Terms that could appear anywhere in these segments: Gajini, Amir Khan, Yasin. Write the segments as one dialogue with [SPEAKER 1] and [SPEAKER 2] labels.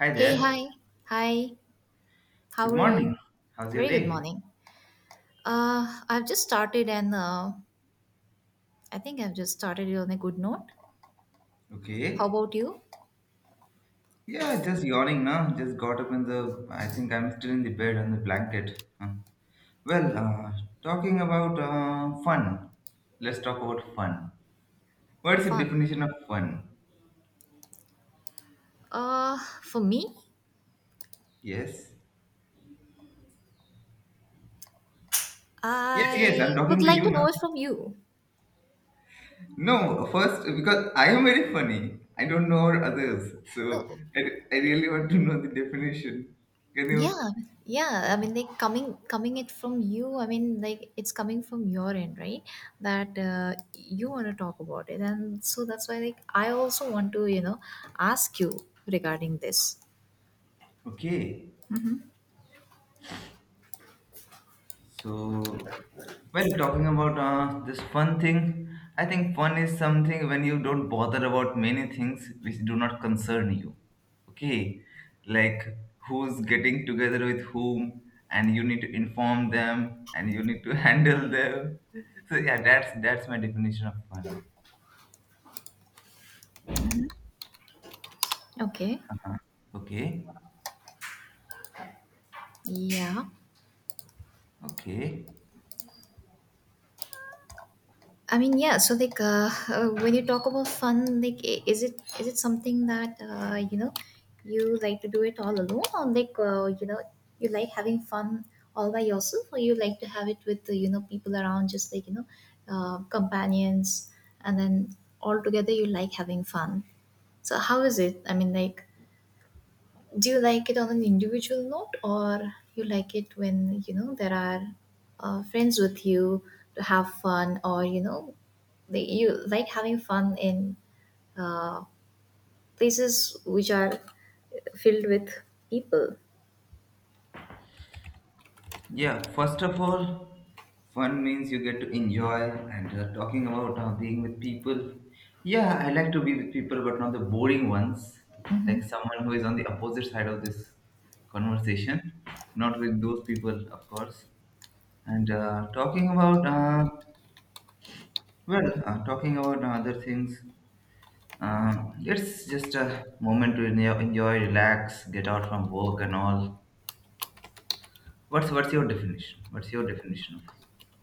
[SPEAKER 1] Hi
[SPEAKER 2] Hey, hi.
[SPEAKER 1] there.
[SPEAKER 2] Hi.
[SPEAKER 1] Good
[SPEAKER 2] How are
[SPEAKER 1] morning.
[SPEAKER 2] you?
[SPEAKER 1] How's your
[SPEAKER 2] Very good
[SPEAKER 1] day?
[SPEAKER 2] morning. I've just started and I think I've just started it on a good note. How
[SPEAKER 1] Okay.
[SPEAKER 2] about you?
[SPEAKER 1] Yeah, just yawning now. Just got up in the. I think I'm still in the bed on the blanket. Huh. Well, talking about fun. Let's talk about fun. What's the
[SPEAKER 2] Fun.
[SPEAKER 1] definition of fun?
[SPEAKER 2] For me,
[SPEAKER 1] Yes. Yes, yes. I'm
[SPEAKER 2] I would
[SPEAKER 1] talking to
[SPEAKER 2] like
[SPEAKER 1] you
[SPEAKER 2] to know
[SPEAKER 1] now.
[SPEAKER 2] it from you.
[SPEAKER 1] No, first because I am very funny. I don't know our others, so
[SPEAKER 2] No,
[SPEAKER 1] I, I really want to know the definition. Can you?
[SPEAKER 2] yeah, yeah. I
[SPEAKER 1] Yeah.
[SPEAKER 2] mean, like coming it from you. I mean, like it's coming from your end, right? That you want to talk about it, and so that's why, like, I also want to ask you regarding this.
[SPEAKER 1] Okay. So, well, talking about this fun thing, I think fun is something when you don't bother about many things which do not concern you. Okay, like who's getting together with whom, and you need to inform them, and you need to handle them. So yeah, that's my definition of fun.
[SPEAKER 2] Okay.
[SPEAKER 1] Okay,
[SPEAKER 2] Yeah.
[SPEAKER 1] okay.
[SPEAKER 2] I mean, yeah. So, like, when you talk about fun, like, is it something that you like to do it all alone, or like, you like having fun all by yourself, or you like to have it with people around, just like companions, and then all together you like having fun. So, how is it? I mean, like, do you like it on an individual note, or you like it when you know there are friends with you to have fun, or you like having fun in uh, places which are filled with people.
[SPEAKER 1] Yeah, first of all, fun means you get to enjoy and talking about being with people. Yeah, I like to be with people, but not the boring ones, like
[SPEAKER 2] Hmm.
[SPEAKER 1] someone who is on the opposite side of this conversation, not with those people, of course. And talking about other things, it's just a moment to enjoy, relax, get out from work and all. What's your definition? What's your definition of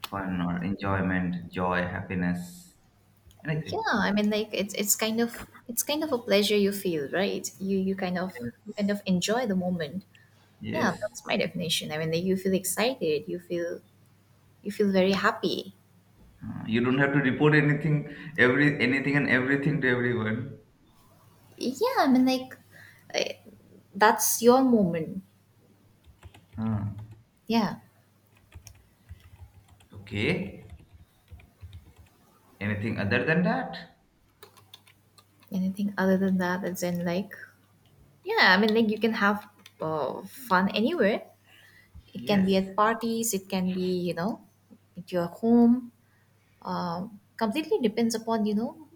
[SPEAKER 1] fun or enjoyment, joy, happiness,
[SPEAKER 2] Yeah,
[SPEAKER 1] anything?
[SPEAKER 2] I mean, like it's kind of a pleasure you feel, right? You kind of enjoy the moment. Yeah,
[SPEAKER 1] Yes.
[SPEAKER 2] that's my definition. I mean, like you feel excited, you feel very happy.
[SPEAKER 1] You don't have to report anything, every anything and everything to everyone.
[SPEAKER 2] Yeah, I mean, like. I, that's your moment.
[SPEAKER 1] Uh,
[SPEAKER 2] Yeah,
[SPEAKER 1] okay. Anything other than that?
[SPEAKER 2] anything other than that, as in like, yeah, I mean, like you can have fun anywhere. It can be
[SPEAKER 1] Yes.
[SPEAKER 2] at parties, it can be at your home. Completely depends upon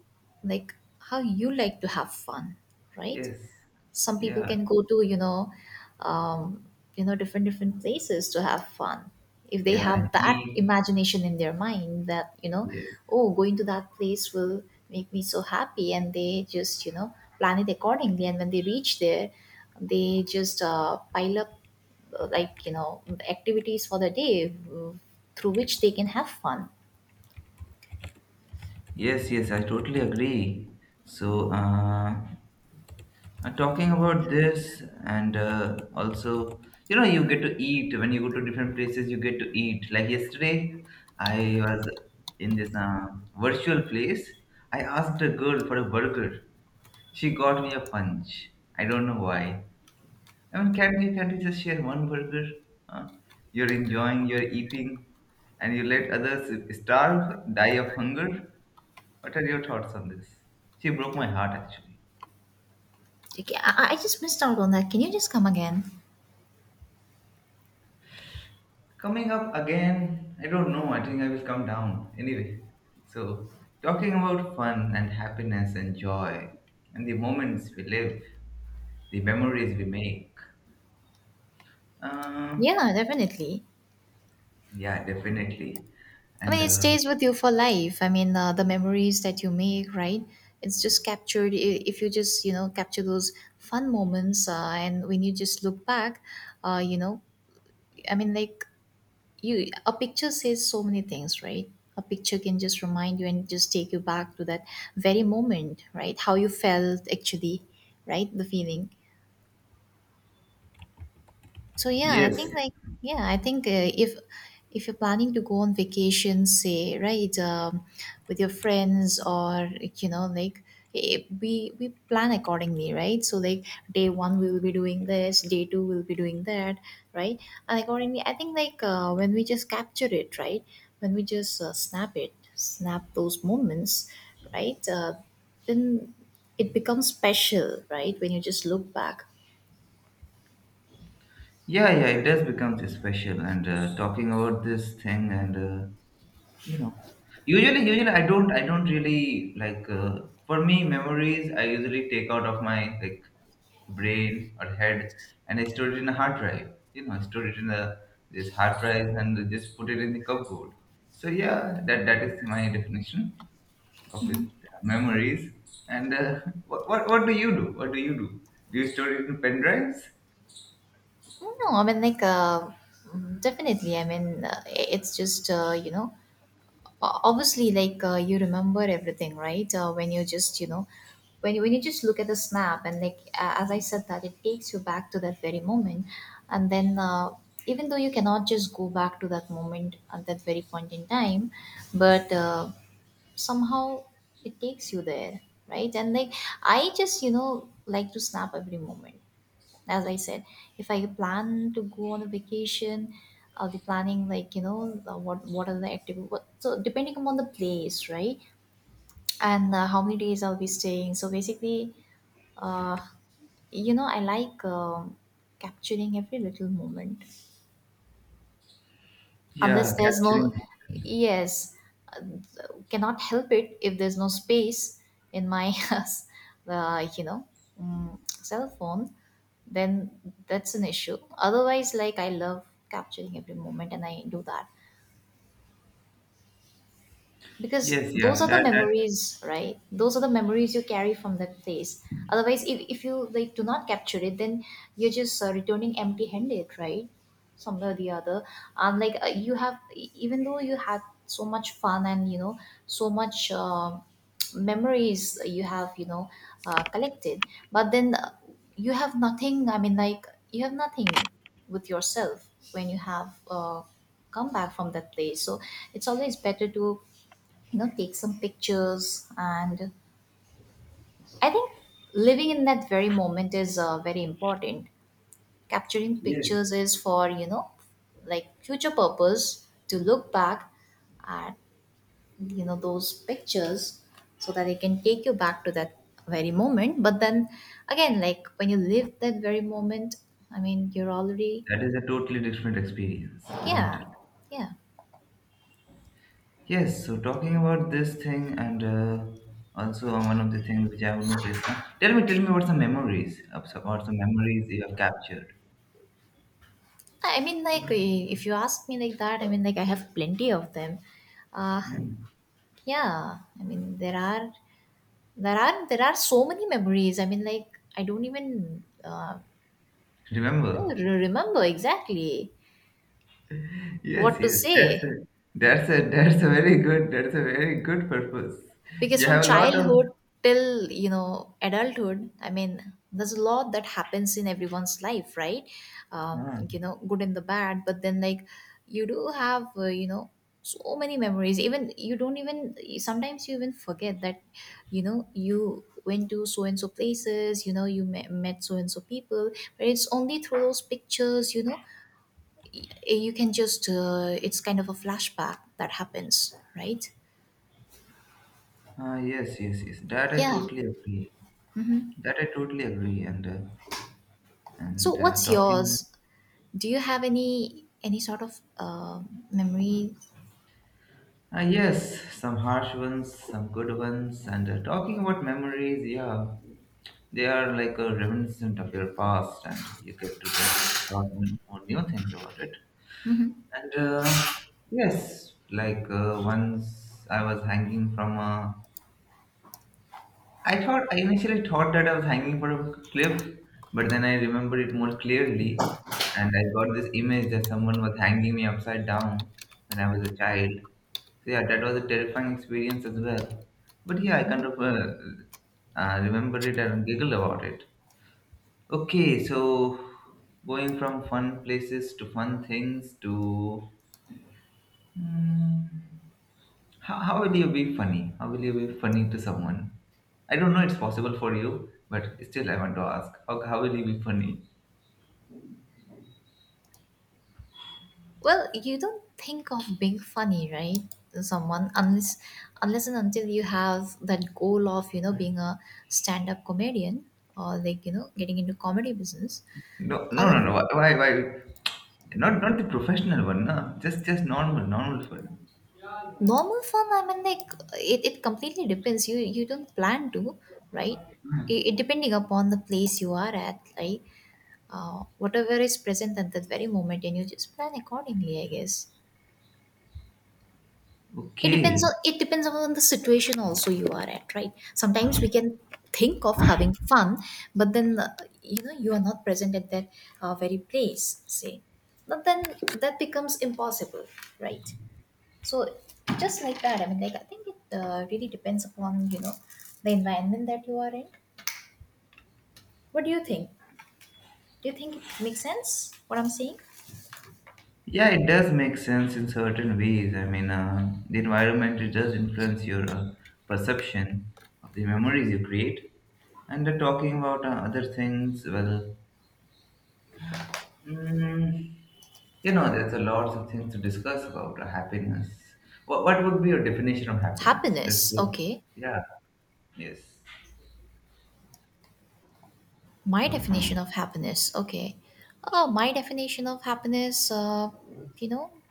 [SPEAKER 2] like how you like to have fun, right?
[SPEAKER 1] Yes.
[SPEAKER 2] Some people
[SPEAKER 1] Yeah.
[SPEAKER 2] can go to um, different places to have fun, if they
[SPEAKER 1] Yeah. And
[SPEAKER 2] have that
[SPEAKER 1] eat.
[SPEAKER 2] imagination in their mind that you know
[SPEAKER 1] Yes.
[SPEAKER 2] oh, going to that place will make me so happy, and they just plan it accordingly. And when they reach there, they just pile up like activities for the day through which they can have fun.
[SPEAKER 1] Yes. Yes. I totally agree. So. Talking about this, and also, you get to eat when you go to different places. You get to eat. Like yesterday, I was in this virtual place. I asked a girl for a burger. She got me a punch. I don't know why. I mean, can't you just share one burger? Huh? You're enjoying, you're eating, and you let others starve, die of hunger. What are your thoughts on this? She broke my heart actually.
[SPEAKER 2] Okay. I just missed out on that. Can you just come again?
[SPEAKER 1] Coming up again, I don't know. I think I will come down. Anyway, so talking about fun and happiness and joy and the moments we live, the memories we make. Uh,
[SPEAKER 2] Yeah, no, definitely.
[SPEAKER 1] yeah, definitely.
[SPEAKER 2] I
[SPEAKER 1] And
[SPEAKER 2] mean, it stays with you for life. I mean, the memories that you make, right? It's just captured. If you just capture those fun moments, and when you just look back, uh, you know, I mean, like a picture says so many things, right? A picture can just remind you and just take you back to that very moment, right? How you felt actually, right? The feeling. So yeah, I
[SPEAKER 1] yes,
[SPEAKER 2] think like, yeah, I think if you're planning to go on vacation, say, right, with your friends, or like, we plan accordingly, right? So, like, day one we will be doing this, day two we'll be doing that, right? And accordingly, I think like when we just capture it, right? When we just snap it, snap those moments, right? Then it becomes special, right? When you just look back.
[SPEAKER 1] yeah, yeah, it does become so special. And talking about this thing, and you know, usually I don't really like, for me memories I usually take out of my, like, brain or head, and I store it in a hard drive. You know, I store it in a this hard drive and just put it in the cupboard. So yeah, that is my definition of this memories. And what do you do? Do you store it in pen drives?
[SPEAKER 2] No, I mean, like, definitely. I mean, it's just, obviously, like, you remember everything, right? When you just, you know, when you just look at the snap, and like, as I said, that it takes you back to that very moment. And then, even though you cannot just go back to that moment at that very point in time, but somehow it takes you there, right? And like, I just like to snap every moment. As I said, if I plan to go on a vacation, I'll be planning, like, what are the activity. So depending upon the place, right, and how many days I'll be staying. So basically, uh, I like capturing every little moment.
[SPEAKER 1] Yeah,
[SPEAKER 2] Unless there's
[SPEAKER 1] capturing.
[SPEAKER 2] no. Yes. uh, cannot help it if there's no space in my uh, you know cell phone. Then that's an issue. Otherwise, like, I love capturing every moment, and I do that, because
[SPEAKER 1] Yes, yeah,
[SPEAKER 2] those are the
[SPEAKER 1] that
[SPEAKER 2] memories, right? Those are the memories you carry from that place. Otherwise, if you like do not capture it, then you're just returning empty handed, right? Somewhere or the other. And like, you have even though you had so much fun, and so much memories you have, collected. But then, you have nothing, I mean, like, you have nothing with yourself when you have come back from that place. So it's always better to take some pictures. And I think living in that very moment is very important. Capturing
[SPEAKER 1] yes,
[SPEAKER 2] pictures is for like future purpose, to look back at those pictures, so that it can take you back to that very moment. But then again, like, when you live that very moment, I mean, you're already.
[SPEAKER 1] that is a totally different experience, isn't
[SPEAKER 2] Yeah.
[SPEAKER 1] it?
[SPEAKER 2] Yeah.
[SPEAKER 1] Yes, so talking about this thing, and also one of the things which I have noticed. Tell me what's the memories about the memories you have captured.
[SPEAKER 2] I mean, like, if you ask me like that, I mean, like, I have plenty of them. uh,
[SPEAKER 1] Hmm.
[SPEAKER 2] Yeah, I mean there are there are so many memories. I mean, like I don't even
[SPEAKER 1] Remember?
[SPEAKER 2] remember exactly
[SPEAKER 1] Yes,
[SPEAKER 2] what to
[SPEAKER 1] yes. That's a,
[SPEAKER 2] say.
[SPEAKER 1] that's a that's a very good, purpose.
[SPEAKER 2] Because
[SPEAKER 1] You
[SPEAKER 2] from
[SPEAKER 1] have a lot of.
[SPEAKER 2] childhood till adulthood, I mean there's a lot that happens in everyone's life, right?
[SPEAKER 1] Ah,
[SPEAKER 2] Good and the bad, but then like you do have so many memories, even you don't even, sometimes you even forget that you know you went to so and so places, you know you met so and so people. But it's only through those pictures, you can just it's kind of a flashback that happens, right?
[SPEAKER 1] yes, yes, yes. That I
[SPEAKER 2] Yeah.
[SPEAKER 1] totally agree. That I totally agree. And uh,
[SPEAKER 2] So
[SPEAKER 1] and uh,
[SPEAKER 2] what's
[SPEAKER 1] talking.
[SPEAKER 2] yours? Do you have any sort of memory?
[SPEAKER 1] Ah, yes, some harsh ones, some good ones, and talking about memories. Yeah. They are like a reminiscent of your past, and you get to learn a lot more new things about it.
[SPEAKER 2] Hmm.
[SPEAKER 1] And yes, like once I was hanging from a. I initially thought that I was hanging from a cliff, but then I remembered it more clearly, and I got this image that someone was hanging me upside down when I was a child. So yeah, that was a terrifying experience as well. But yeah, I kind of remember it and giggle about it. Okay, so going from fun places to fun things to. Hmm, how will you be funny? How will you be funny to someone? I don't know it's possible for you, but still I want to ask how will you be funny?
[SPEAKER 2] Well, you don't think of being funny, right? Someone unless unless and until you have that goal of being a stand-up comedian, or like getting into comedy business.
[SPEAKER 1] No, no,
[SPEAKER 2] Other
[SPEAKER 1] no, no.
[SPEAKER 2] than
[SPEAKER 1] Why? Not, not the professional one, no. Just normal, normal fun.
[SPEAKER 2] normal fun, I mean, like it completely depends. You don't plan to, right? It depending upon the place you are at, right? Whatever is present at that very moment, and you just plan accordingly, I guess. it depends
[SPEAKER 1] Okay.
[SPEAKER 2] on it depends on the situation also you are at, right? Sometimes we can think of having fun, but then you are not present at that very place, say. But then that becomes impossible, right? So, just like that, I mean, like, I think it really depends upon the environment that you are in. What do you think? Do you think it makes sense, what I'm saying?
[SPEAKER 1] Yeah, it does make sense in certain ways. I mean, the environment, it does influence your perception of the memories you create. And talking about other things, well, mm, there's a lot of things to discuss about happiness. What would be your definition of happiness? Let's
[SPEAKER 2] Happiness.
[SPEAKER 1] go.
[SPEAKER 2] Okay.
[SPEAKER 1] Yeah. Yes.
[SPEAKER 2] My definition of happiness, okay. My definition of happiness, you know,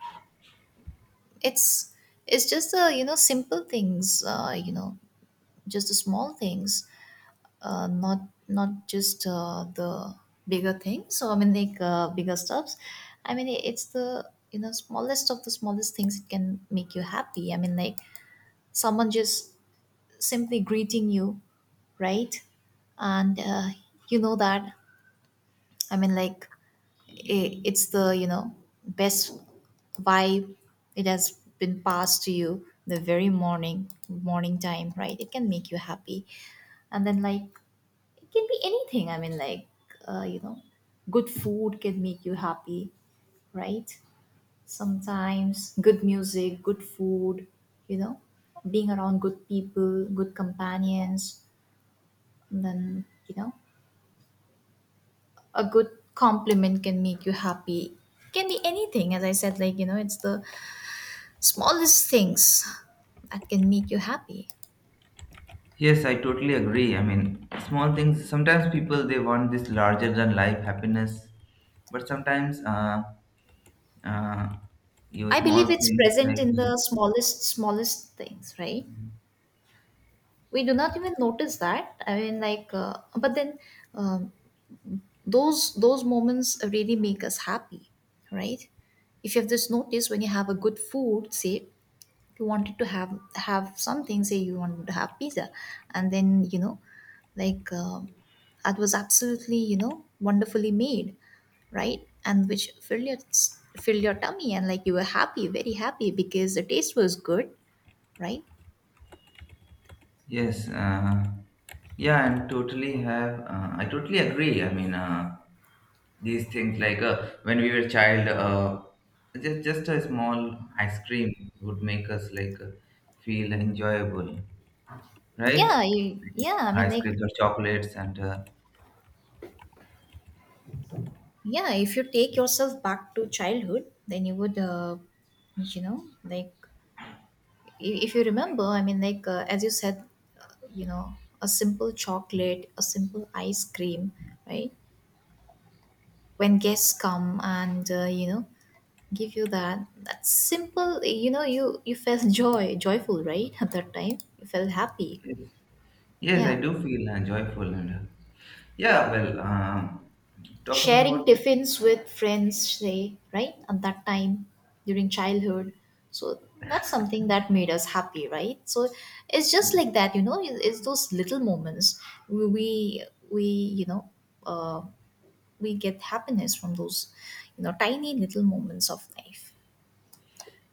[SPEAKER 2] it's it's just the simple things, just the small things, uh, not not just the bigger things. So I mean, like bigger stuffs. I mean, it's the smallest of the smallest things that can make you happy. I mean, like someone just simply greeting you, right? And you know that, I mean, like, it's the best vibe. It has been passed to you the very morning, morning time, right? It can make you happy. And then, like, it can be anything. I mean, like uh, you know good food can make you happy, right? Sometimes good music, good food, you know being around good people, good companions. And then you know a good compliment can make you happy. Can be anything, as I said, like it's the smallest things that can make you happy.
[SPEAKER 1] Yes, I totally agree. I mean, small things. Sometimes people they want this larger than life happiness, but sometimes uh, you
[SPEAKER 2] I believe
[SPEAKER 1] small
[SPEAKER 2] it's
[SPEAKER 1] things
[SPEAKER 2] present
[SPEAKER 1] like
[SPEAKER 2] in the smallest, smallest things, right? We do not even notice that. I mean, like, but then um, those moments really make us happy, right? If you have this notice when you have a good food, say you wanted to have something, say you wanted to have pizza and then like uh, that was absolutely wonderfully made, right? And which filled your tummy and like you were happy, very happy, because the taste was good, right?
[SPEAKER 1] yes, yeah, and totally have, I totally agree, I mean, these things, like, when we were child, just a small ice cream would make us, like, feel enjoyable, right?
[SPEAKER 2] Yeah,
[SPEAKER 1] Like these
[SPEAKER 2] yeah, I
[SPEAKER 1] small
[SPEAKER 2] mean,
[SPEAKER 1] ice
[SPEAKER 2] like,
[SPEAKER 1] creams or chocolates and
[SPEAKER 2] yeah, if you take yourself back to childhood, then you would you know, like, if you remember, I mean, like, as you said, uh, you know, a simple chocolate, a simple ice cream, right? When guests come and you know, give you that simple, you know, you felt joyful, right? At that time you felt happy.
[SPEAKER 1] yes, yes, I
[SPEAKER 2] Yeah,
[SPEAKER 1] do feel joyful, and yeah. Well, talking
[SPEAKER 2] sharing
[SPEAKER 1] about.
[SPEAKER 2] tiffins with friends, say, right, at that time during childhood. So that's something that made us happy, right? So it's just like that, you know, it's those little moments. we we, we, you know, uh, we get happiness from those, you know, tiny little moments of life.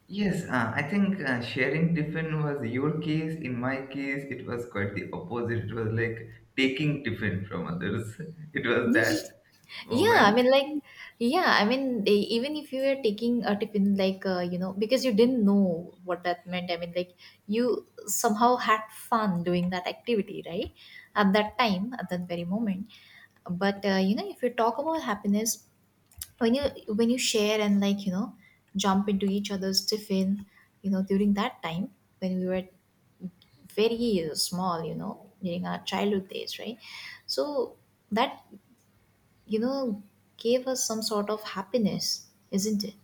[SPEAKER 1] Yes, I think sharing tiffin was your case. In my case, it was quite the opposite. It was like taking tiffin from others. It was that
[SPEAKER 2] Yeah, I
[SPEAKER 1] moment.
[SPEAKER 2] mean, like, yeah, I mean, they, even if you were taking a tiffin, like, you know, because you didn't know what that meant, I mean, like, you somehow had fun doing that activity, right? At that time, at that very moment. But, you know, if you talk about happiness, when you when you share and like, you know, jump into each other's tiffin, you know, during that time when we were very small, you know, during our childhood days, right? So that, you know, gave us some sort of happiness, isn't it?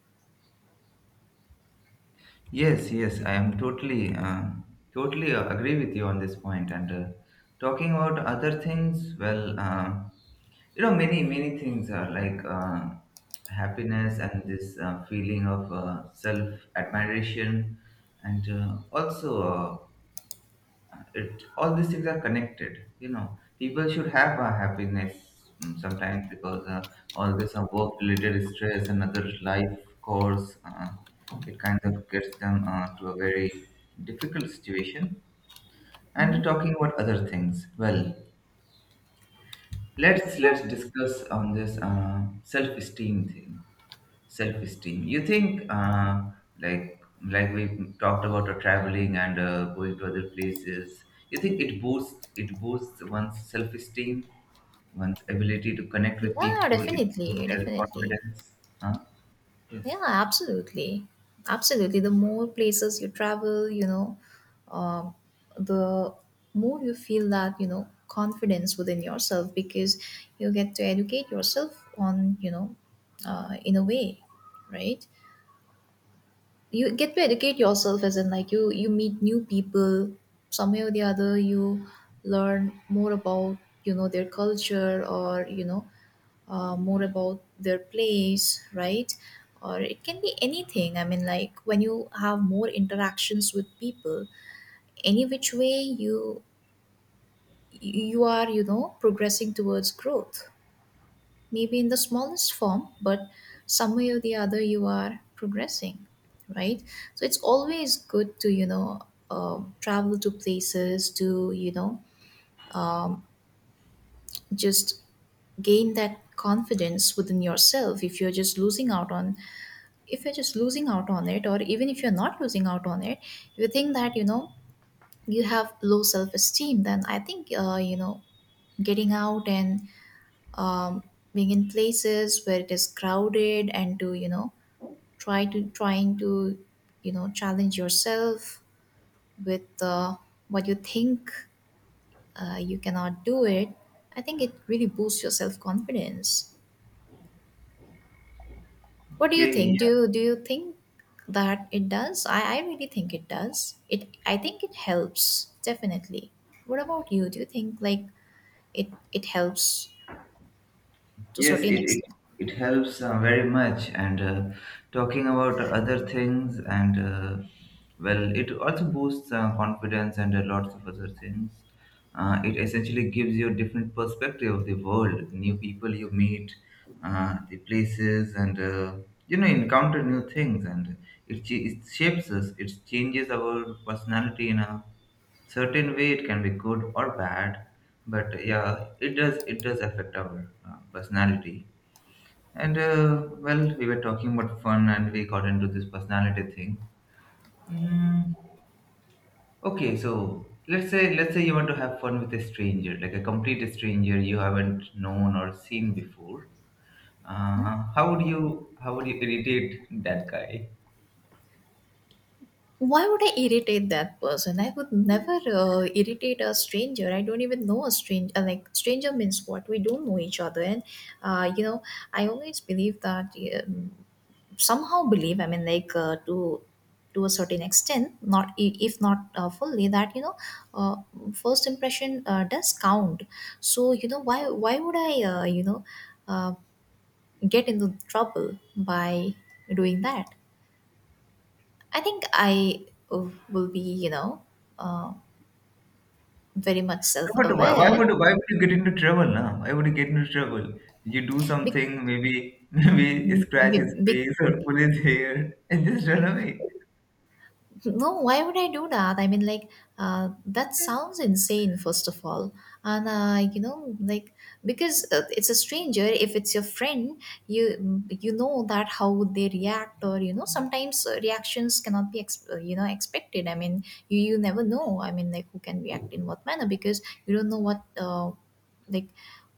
[SPEAKER 1] Yes, yes, I am totally, totally agree with you on this point. And talking about other things, well, many things are like, happiness and this feeling of self admiration, and also. It, all these things are connected. You know, people should have a happiness, sometimes, because all this work related stress and other life course, it kind of gets them to a very difficult situation.
[SPEAKER 2] Hmm.
[SPEAKER 1] And talking about other things, well, let's discuss on this self esteem thing. Self-esteem, you think like we talked about traveling and going to other places, you think it boosts, one's self-esteem, one's ability to connect with
[SPEAKER 2] Yeah,
[SPEAKER 1] people, it boosts
[SPEAKER 2] definitely,
[SPEAKER 1] their
[SPEAKER 2] definitely.
[SPEAKER 1] confidence? Huh? Yes.
[SPEAKER 2] Yeah, absolutely. Absolutely. The more places you travel, you know, uh, the more you feel that, you know, confidence within yourself, because you get to educate yourself on, you know, in a way, right? You get to educate yourself, as in like, you meet new people. Some way or the other, you learn more about, you know, their culture, or you know, more about their place, right? Or it can be anything. I mean, like, when you have more interactions with people, any which way, you you are, you know, progressing towards growth, maybe in the smallest form, but some way or the other you are progressing, right? So it's always good to, you know, travel to places to, you know, um, just gain that confidence within yourself if you're just losing out on, if you're just losing out on it, or even if you're not losing out on it, if you think that you know you have low self-esteem, then I think you know, getting out and, um, being in places where it is crowded and, to you know, trying to, you know, challenge yourself with, what you think you cannot do. It, I think it really boosts your self confidence. What do you
[SPEAKER 1] Okay.
[SPEAKER 2] think? Do you, do you think that it does? I really think it does. It, I think it helps, definitely. What about you? Do you think like it helps to
[SPEAKER 1] Yes,
[SPEAKER 2] certain
[SPEAKER 1] it, it,
[SPEAKER 2] extent?
[SPEAKER 1] it helps very much. And talking about other things. And well, it also boosts confidence and lots of other things. It essentially gives you a different perspective of the world, new people you meet, the places, and encounter new things. And it shapes us, it changes our personality in a certain way. It can be good or bad, but yeah, it does, affect our personality. And well, we were talking about fun and we got into this personality thing. mm, okay, so let's say you want to have fun with a stranger, like a complete stranger you haven't known or seen before.
[SPEAKER 2] Hmm?
[SPEAKER 1] How would you irritate that guy?
[SPEAKER 2] Why would I irritate that person? I would never irritate a stranger. I don't even know a stranger. Like stranger means what? We don't know each other, and you know, I always believe that somehow believe. I mean, like to a certain extent, not, if not fully, that you know, uh, first impression does count. So you know, why would I, you know, uh, get into trouble by doing that? I think I will be, you know, uh, very much
[SPEAKER 1] No,
[SPEAKER 2] self
[SPEAKER 1] but
[SPEAKER 2] aware.
[SPEAKER 1] why would you get into trouble now? Why would you get into trouble? You do
[SPEAKER 2] be-
[SPEAKER 1] something, maybe maybe scratch
[SPEAKER 2] be-
[SPEAKER 1] his
[SPEAKER 2] be-
[SPEAKER 1] face or pull his hair and just run away.
[SPEAKER 2] No, why would I do that? I mean, like, that sounds insane, first of all. And, you know, like, because it's a stranger. If it's your friend, you know that how would they react, or, you know, sometimes reactions cannot be, you know, expected. I mean, you never know. I mean, like, who can react in what manner, because you don't know what, like,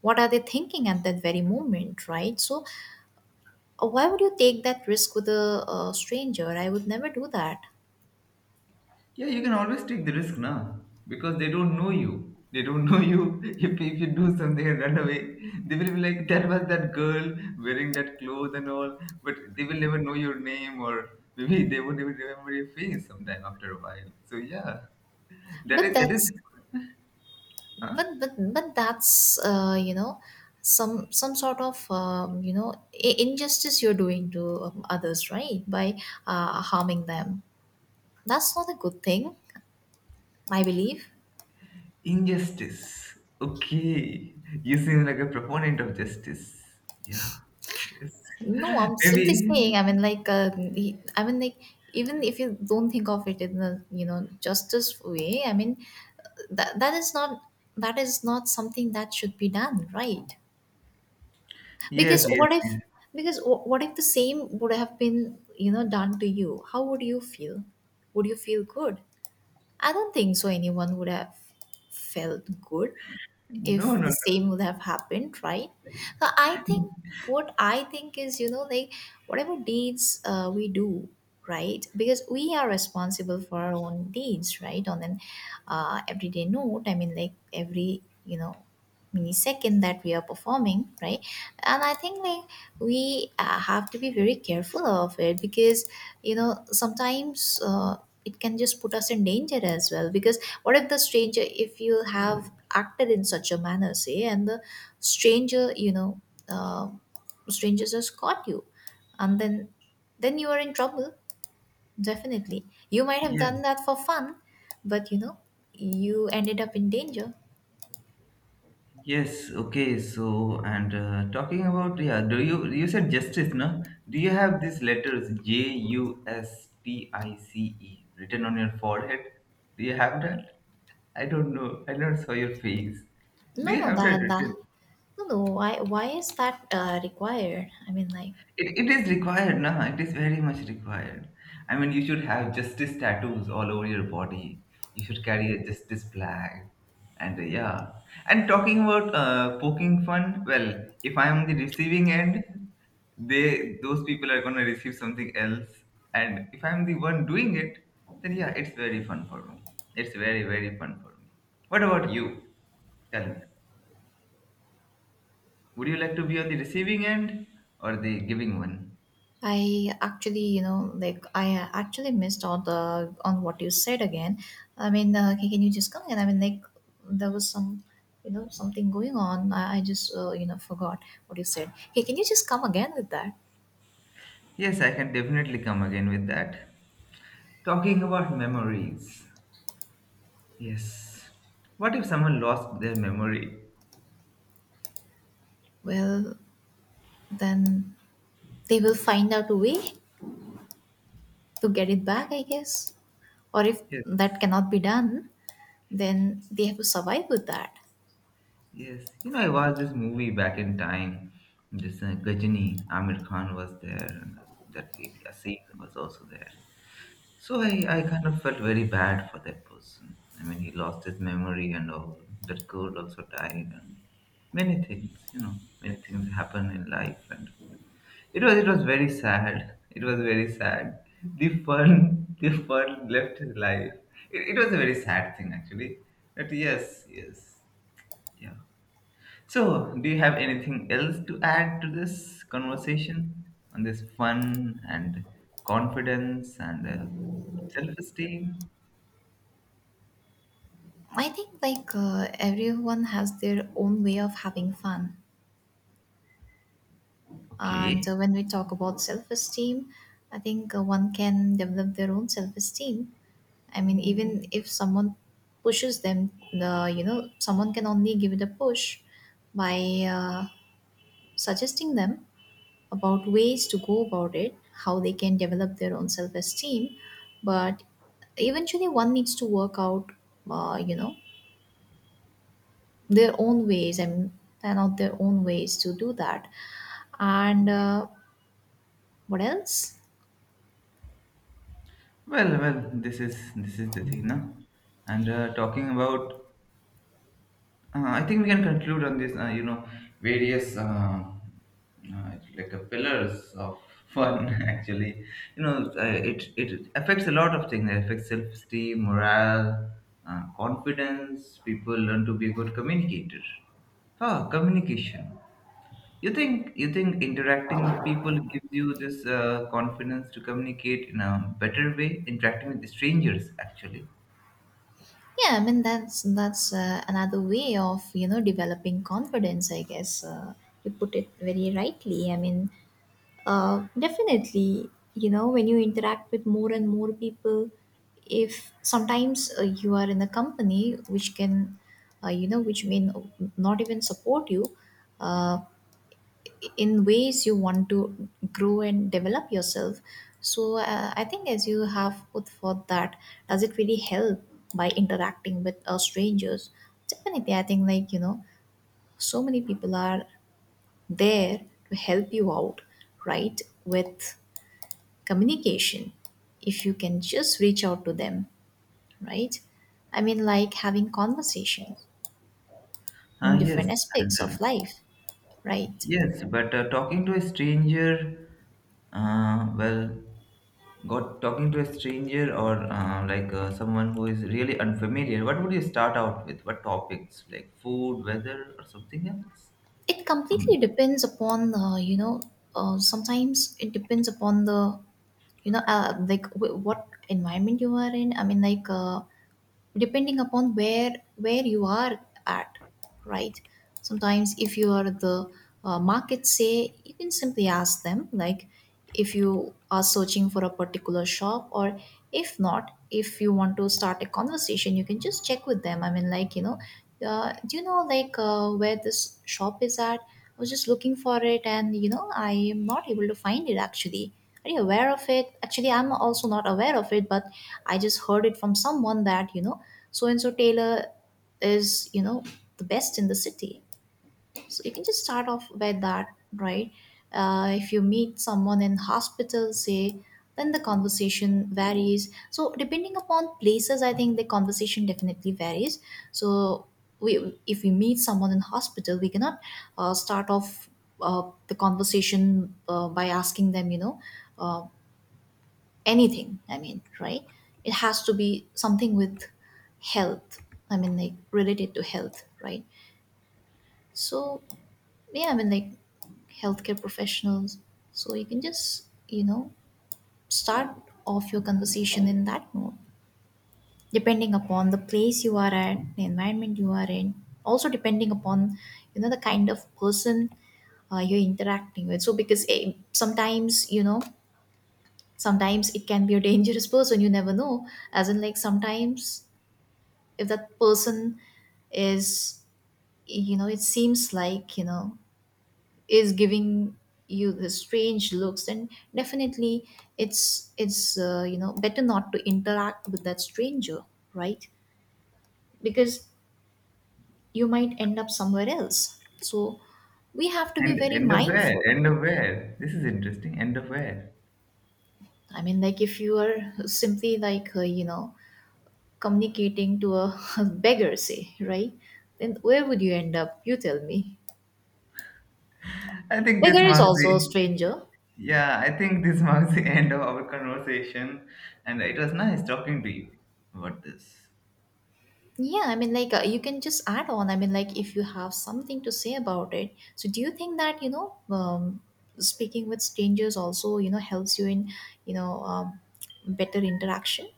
[SPEAKER 2] what are they thinking at that very moment, right? So, why would you take that risk with a, stranger? I would never do that.
[SPEAKER 1] Yeah, you can always take the risk now because they don't know you. They don't know you. If you do something and run away, they will be like, that was that girl wearing that clothes and all. But they will never know your name, or maybe they won't even remember your face sometime after a while. So yeah, that
[SPEAKER 2] But
[SPEAKER 1] is that is.
[SPEAKER 2] that's
[SPEAKER 1] Huh?
[SPEAKER 2] but that's you know, some sort of, you know, injustice you're doing to, others, right, by harming them. That's not a good thing, I believe.
[SPEAKER 1] Injustice. Okay. You seem like a proponent of justice. Yeah. Yes.
[SPEAKER 2] No, I'm simply
[SPEAKER 1] Maybe.
[SPEAKER 2] saying, I mean, like, I mean, like, even if you don't think of it in the, you know, justice way, I mean, that is not that is not something that should be done, right?
[SPEAKER 1] Yes,
[SPEAKER 2] Because
[SPEAKER 1] yes,
[SPEAKER 2] what if,
[SPEAKER 1] yes.
[SPEAKER 2] what if the same would have been, you know, done to you? How would you feel? Would you feel good? I don't think so anyone would have felt good
[SPEAKER 1] No,
[SPEAKER 2] if
[SPEAKER 1] no,
[SPEAKER 2] the
[SPEAKER 1] no.
[SPEAKER 2] same would have happened, right? So I think, what I think is, you know, like, whatever deeds we do, right? Because we are responsible for our own deeds, right, on an, everyday note. I mean, like, every, you know, millisecond that we are performing, right? And I think like we have to be very careful of it because, you know, sometimes it can just put us in danger as well, because what if the stranger, if you have acted in such a manner, say, and the stranger, you know, uh, stranger just caught you, and then you are in trouble, definitely. You might have
[SPEAKER 1] Yeah.
[SPEAKER 2] done that for fun, but you know, you ended up in danger.
[SPEAKER 1] Yes. Okay. So, and talking about, yeah, you said justice, no? Do you have these letters Justice written on your forehead? Do you have that? I don't know. I never saw your face. Do
[SPEAKER 2] no
[SPEAKER 1] you
[SPEAKER 2] no
[SPEAKER 1] have that
[SPEAKER 2] That.
[SPEAKER 1] written?
[SPEAKER 2] No, no. Why? Why is that required? I mean, like,
[SPEAKER 1] It is required, nah. It is very much required. I mean, you should have justice tattoos all over your body. You should carry a justice flag, and yeah. And talking about poking fun, well, if I am the receiving end, they those people are gonna receive something else, and if I'm the one doing it, then yeah, it's very fun for me. It's very very fun for me. What about you? Tell me, would you like to be on the receiving end or the giving one?
[SPEAKER 2] I actually, you know, like, I actually missed all the on what you said again. I mean, can you just come again? I mean, like, there was some, you know, something going on. I just, you know, forgot what you said. Hey, can you just come again with that?
[SPEAKER 1] Yes, I can definitely come again with that. Talking about memories. Yes. What if someone lost their memory?
[SPEAKER 2] Well, then they will find out a way to get it back, I guess. Or if
[SPEAKER 1] Yes.
[SPEAKER 2] that cannot be done, then they have to survive with that.
[SPEAKER 1] Yes. You know, I watched this movie back in time. This Gajini, Amir Khan was there, and that Yasin was also there. So I kind of felt very bad for that person. I mean, he lost his memory and all. That girl also died, and many things, you know, many things happen in life. And it was very sad. It was very sad. The fun the fun left his life. It was a very sad thing actually. But yes, yes, yeah. So, do you have anything else to add to this conversation on this fun and confidence and self-esteem?
[SPEAKER 2] I think like everyone has their own way of having fun, and
[SPEAKER 1] Okay.
[SPEAKER 2] when we talk about self-esteem, I think one can develop their own self-esteem. I mean, even if someone pushes them, the, you know, someone can only give it a push by suggesting them about ways to go about it, how they can develop their own self-esteem. But eventually, one needs to work out, you know, their own ways. I mean, plan out their own ways to do that, and what else.
[SPEAKER 1] Well, this is the thing, no? And talking about. I think we can conclude on this, various uh, like pillars of fun. Actually, you know, uh, it affects a lot of things. It affects self esteem, morale, confidence. People learn to be a good communicator. Ah, communication. You think interacting with people gives you this confidence to communicate in a better way? Interacting with strangers, actually.
[SPEAKER 2] Yeah, I mean, that's another way of, you know, developing confidence, I guess. Uh, you put it very rightly, I mean, definitely, you know, when you interact with more and more people, if sometimes you are in a company which can, you know, which may not even support you uh, in ways you want to grow and develop yourself. So I think, as you have put forth, that does it really help by interacting with strangers? Definitely. I think like, you know, so many people are there to help you out, right, with communication, if you can just reach out to them, right? I mean, like, having conversations
[SPEAKER 1] Ah,
[SPEAKER 2] in
[SPEAKER 1] yes,
[SPEAKER 2] different
[SPEAKER 1] and.
[SPEAKER 2] aspects of life, right?
[SPEAKER 1] Yes, but talking to a stranger, well, got talking to a stranger or like someone who is really unfamiliar, what would you start out with? What topics? Like food, weather, or something else?
[SPEAKER 2] It completely
[SPEAKER 1] Um,
[SPEAKER 2] depends upon you know, sometimes it depends upon the, you know, like, what environment you are in. I mean, like, depending upon where you are at, right? Sometimes if you are the, market, say, you can simply ask them, like, if you are searching for a particular shop, or if not, if you want to start a conversation, you can just check with them. I mean, like, you know, do you know, like, where this shop is at? I was just looking for it and you know I am not able to find it, actually. Are you aware of it? Actually, I'm also not aware of it, but I just heard it from someone that, you know, so and so tailor is, you know, the best in the city. So you can just start off by that, right? Uh, if you meet someone in hospital, say, then the conversation varies. So depending upon places, I think the conversation definitely varies. So we, if we meet someone in hospital, we cannot start off the conversation by asking them, you know, uh, anything, I mean, right? It has to be something with health, I mean, like, related to health, right? So yeah, I mean, like, healthcare professionals, so you can just, you know, start off your conversation in that note, depending upon the place you are at, the environment you are in, also depending upon, you know, the kind of person you're interacting with. So because sometimes, you know, sometimes it can be a dangerous person, you never know, as in like, sometimes if that person is, you know, it seems like, you know, is giving you the strange looks, then definitely it's you know, better not to interact with that stranger, right? Because you might end up somewhere else. So we have to be
[SPEAKER 1] and
[SPEAKER 2] very
[SPEAKER 1] end of where?
[SPEAKER 2] mindful.
[SPEAKER 1] End of where? This is interesting. End of where?
[SPEAKER 2] I mean, like, if you are simply like, you know, communicating to a, beggar, say, right? Then where would you end up? You tell me.
[SPEAKER 1] I think this
[SPEAKER 2] Beggar is
[SPEAKER 1] marks
[SPEAKER 2] also a
[SPEAKER 1] the.
[SPEAKER 2] stranger.
[SPEAKER 1] Yeah. I think this marks the end of our conversation, and it was nice talking to you about this.
[SPEAKER 2] Yeah, I mean, like, you can just add on. I mean, like, if you have something to say about it. So, do you think that, you know, speaking with strangers also, you know, helps you in, you know, better interaction?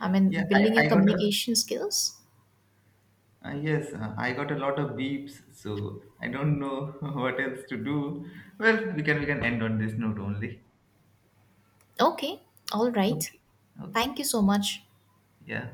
[SPEAKER 2] I mean,
[SPEAKER 1] Yeah,
[SPEAKER 2] building
[SPEAKER 1] I,
[SPEAKER 2] your
[SPEAKER 1] I got a.
[SPEAKER 2] communication skills?
[SPEAKER 1] Yes, I got a lot of beeps, so I don't know what else to do. Well, we can end on this note only.
[SPEAKER 2] Okay, all right.
[SPEAKER 1] Okay, okay,
[SPEAKER 2] Thank you so much.
[SPEAKER 1] yeah.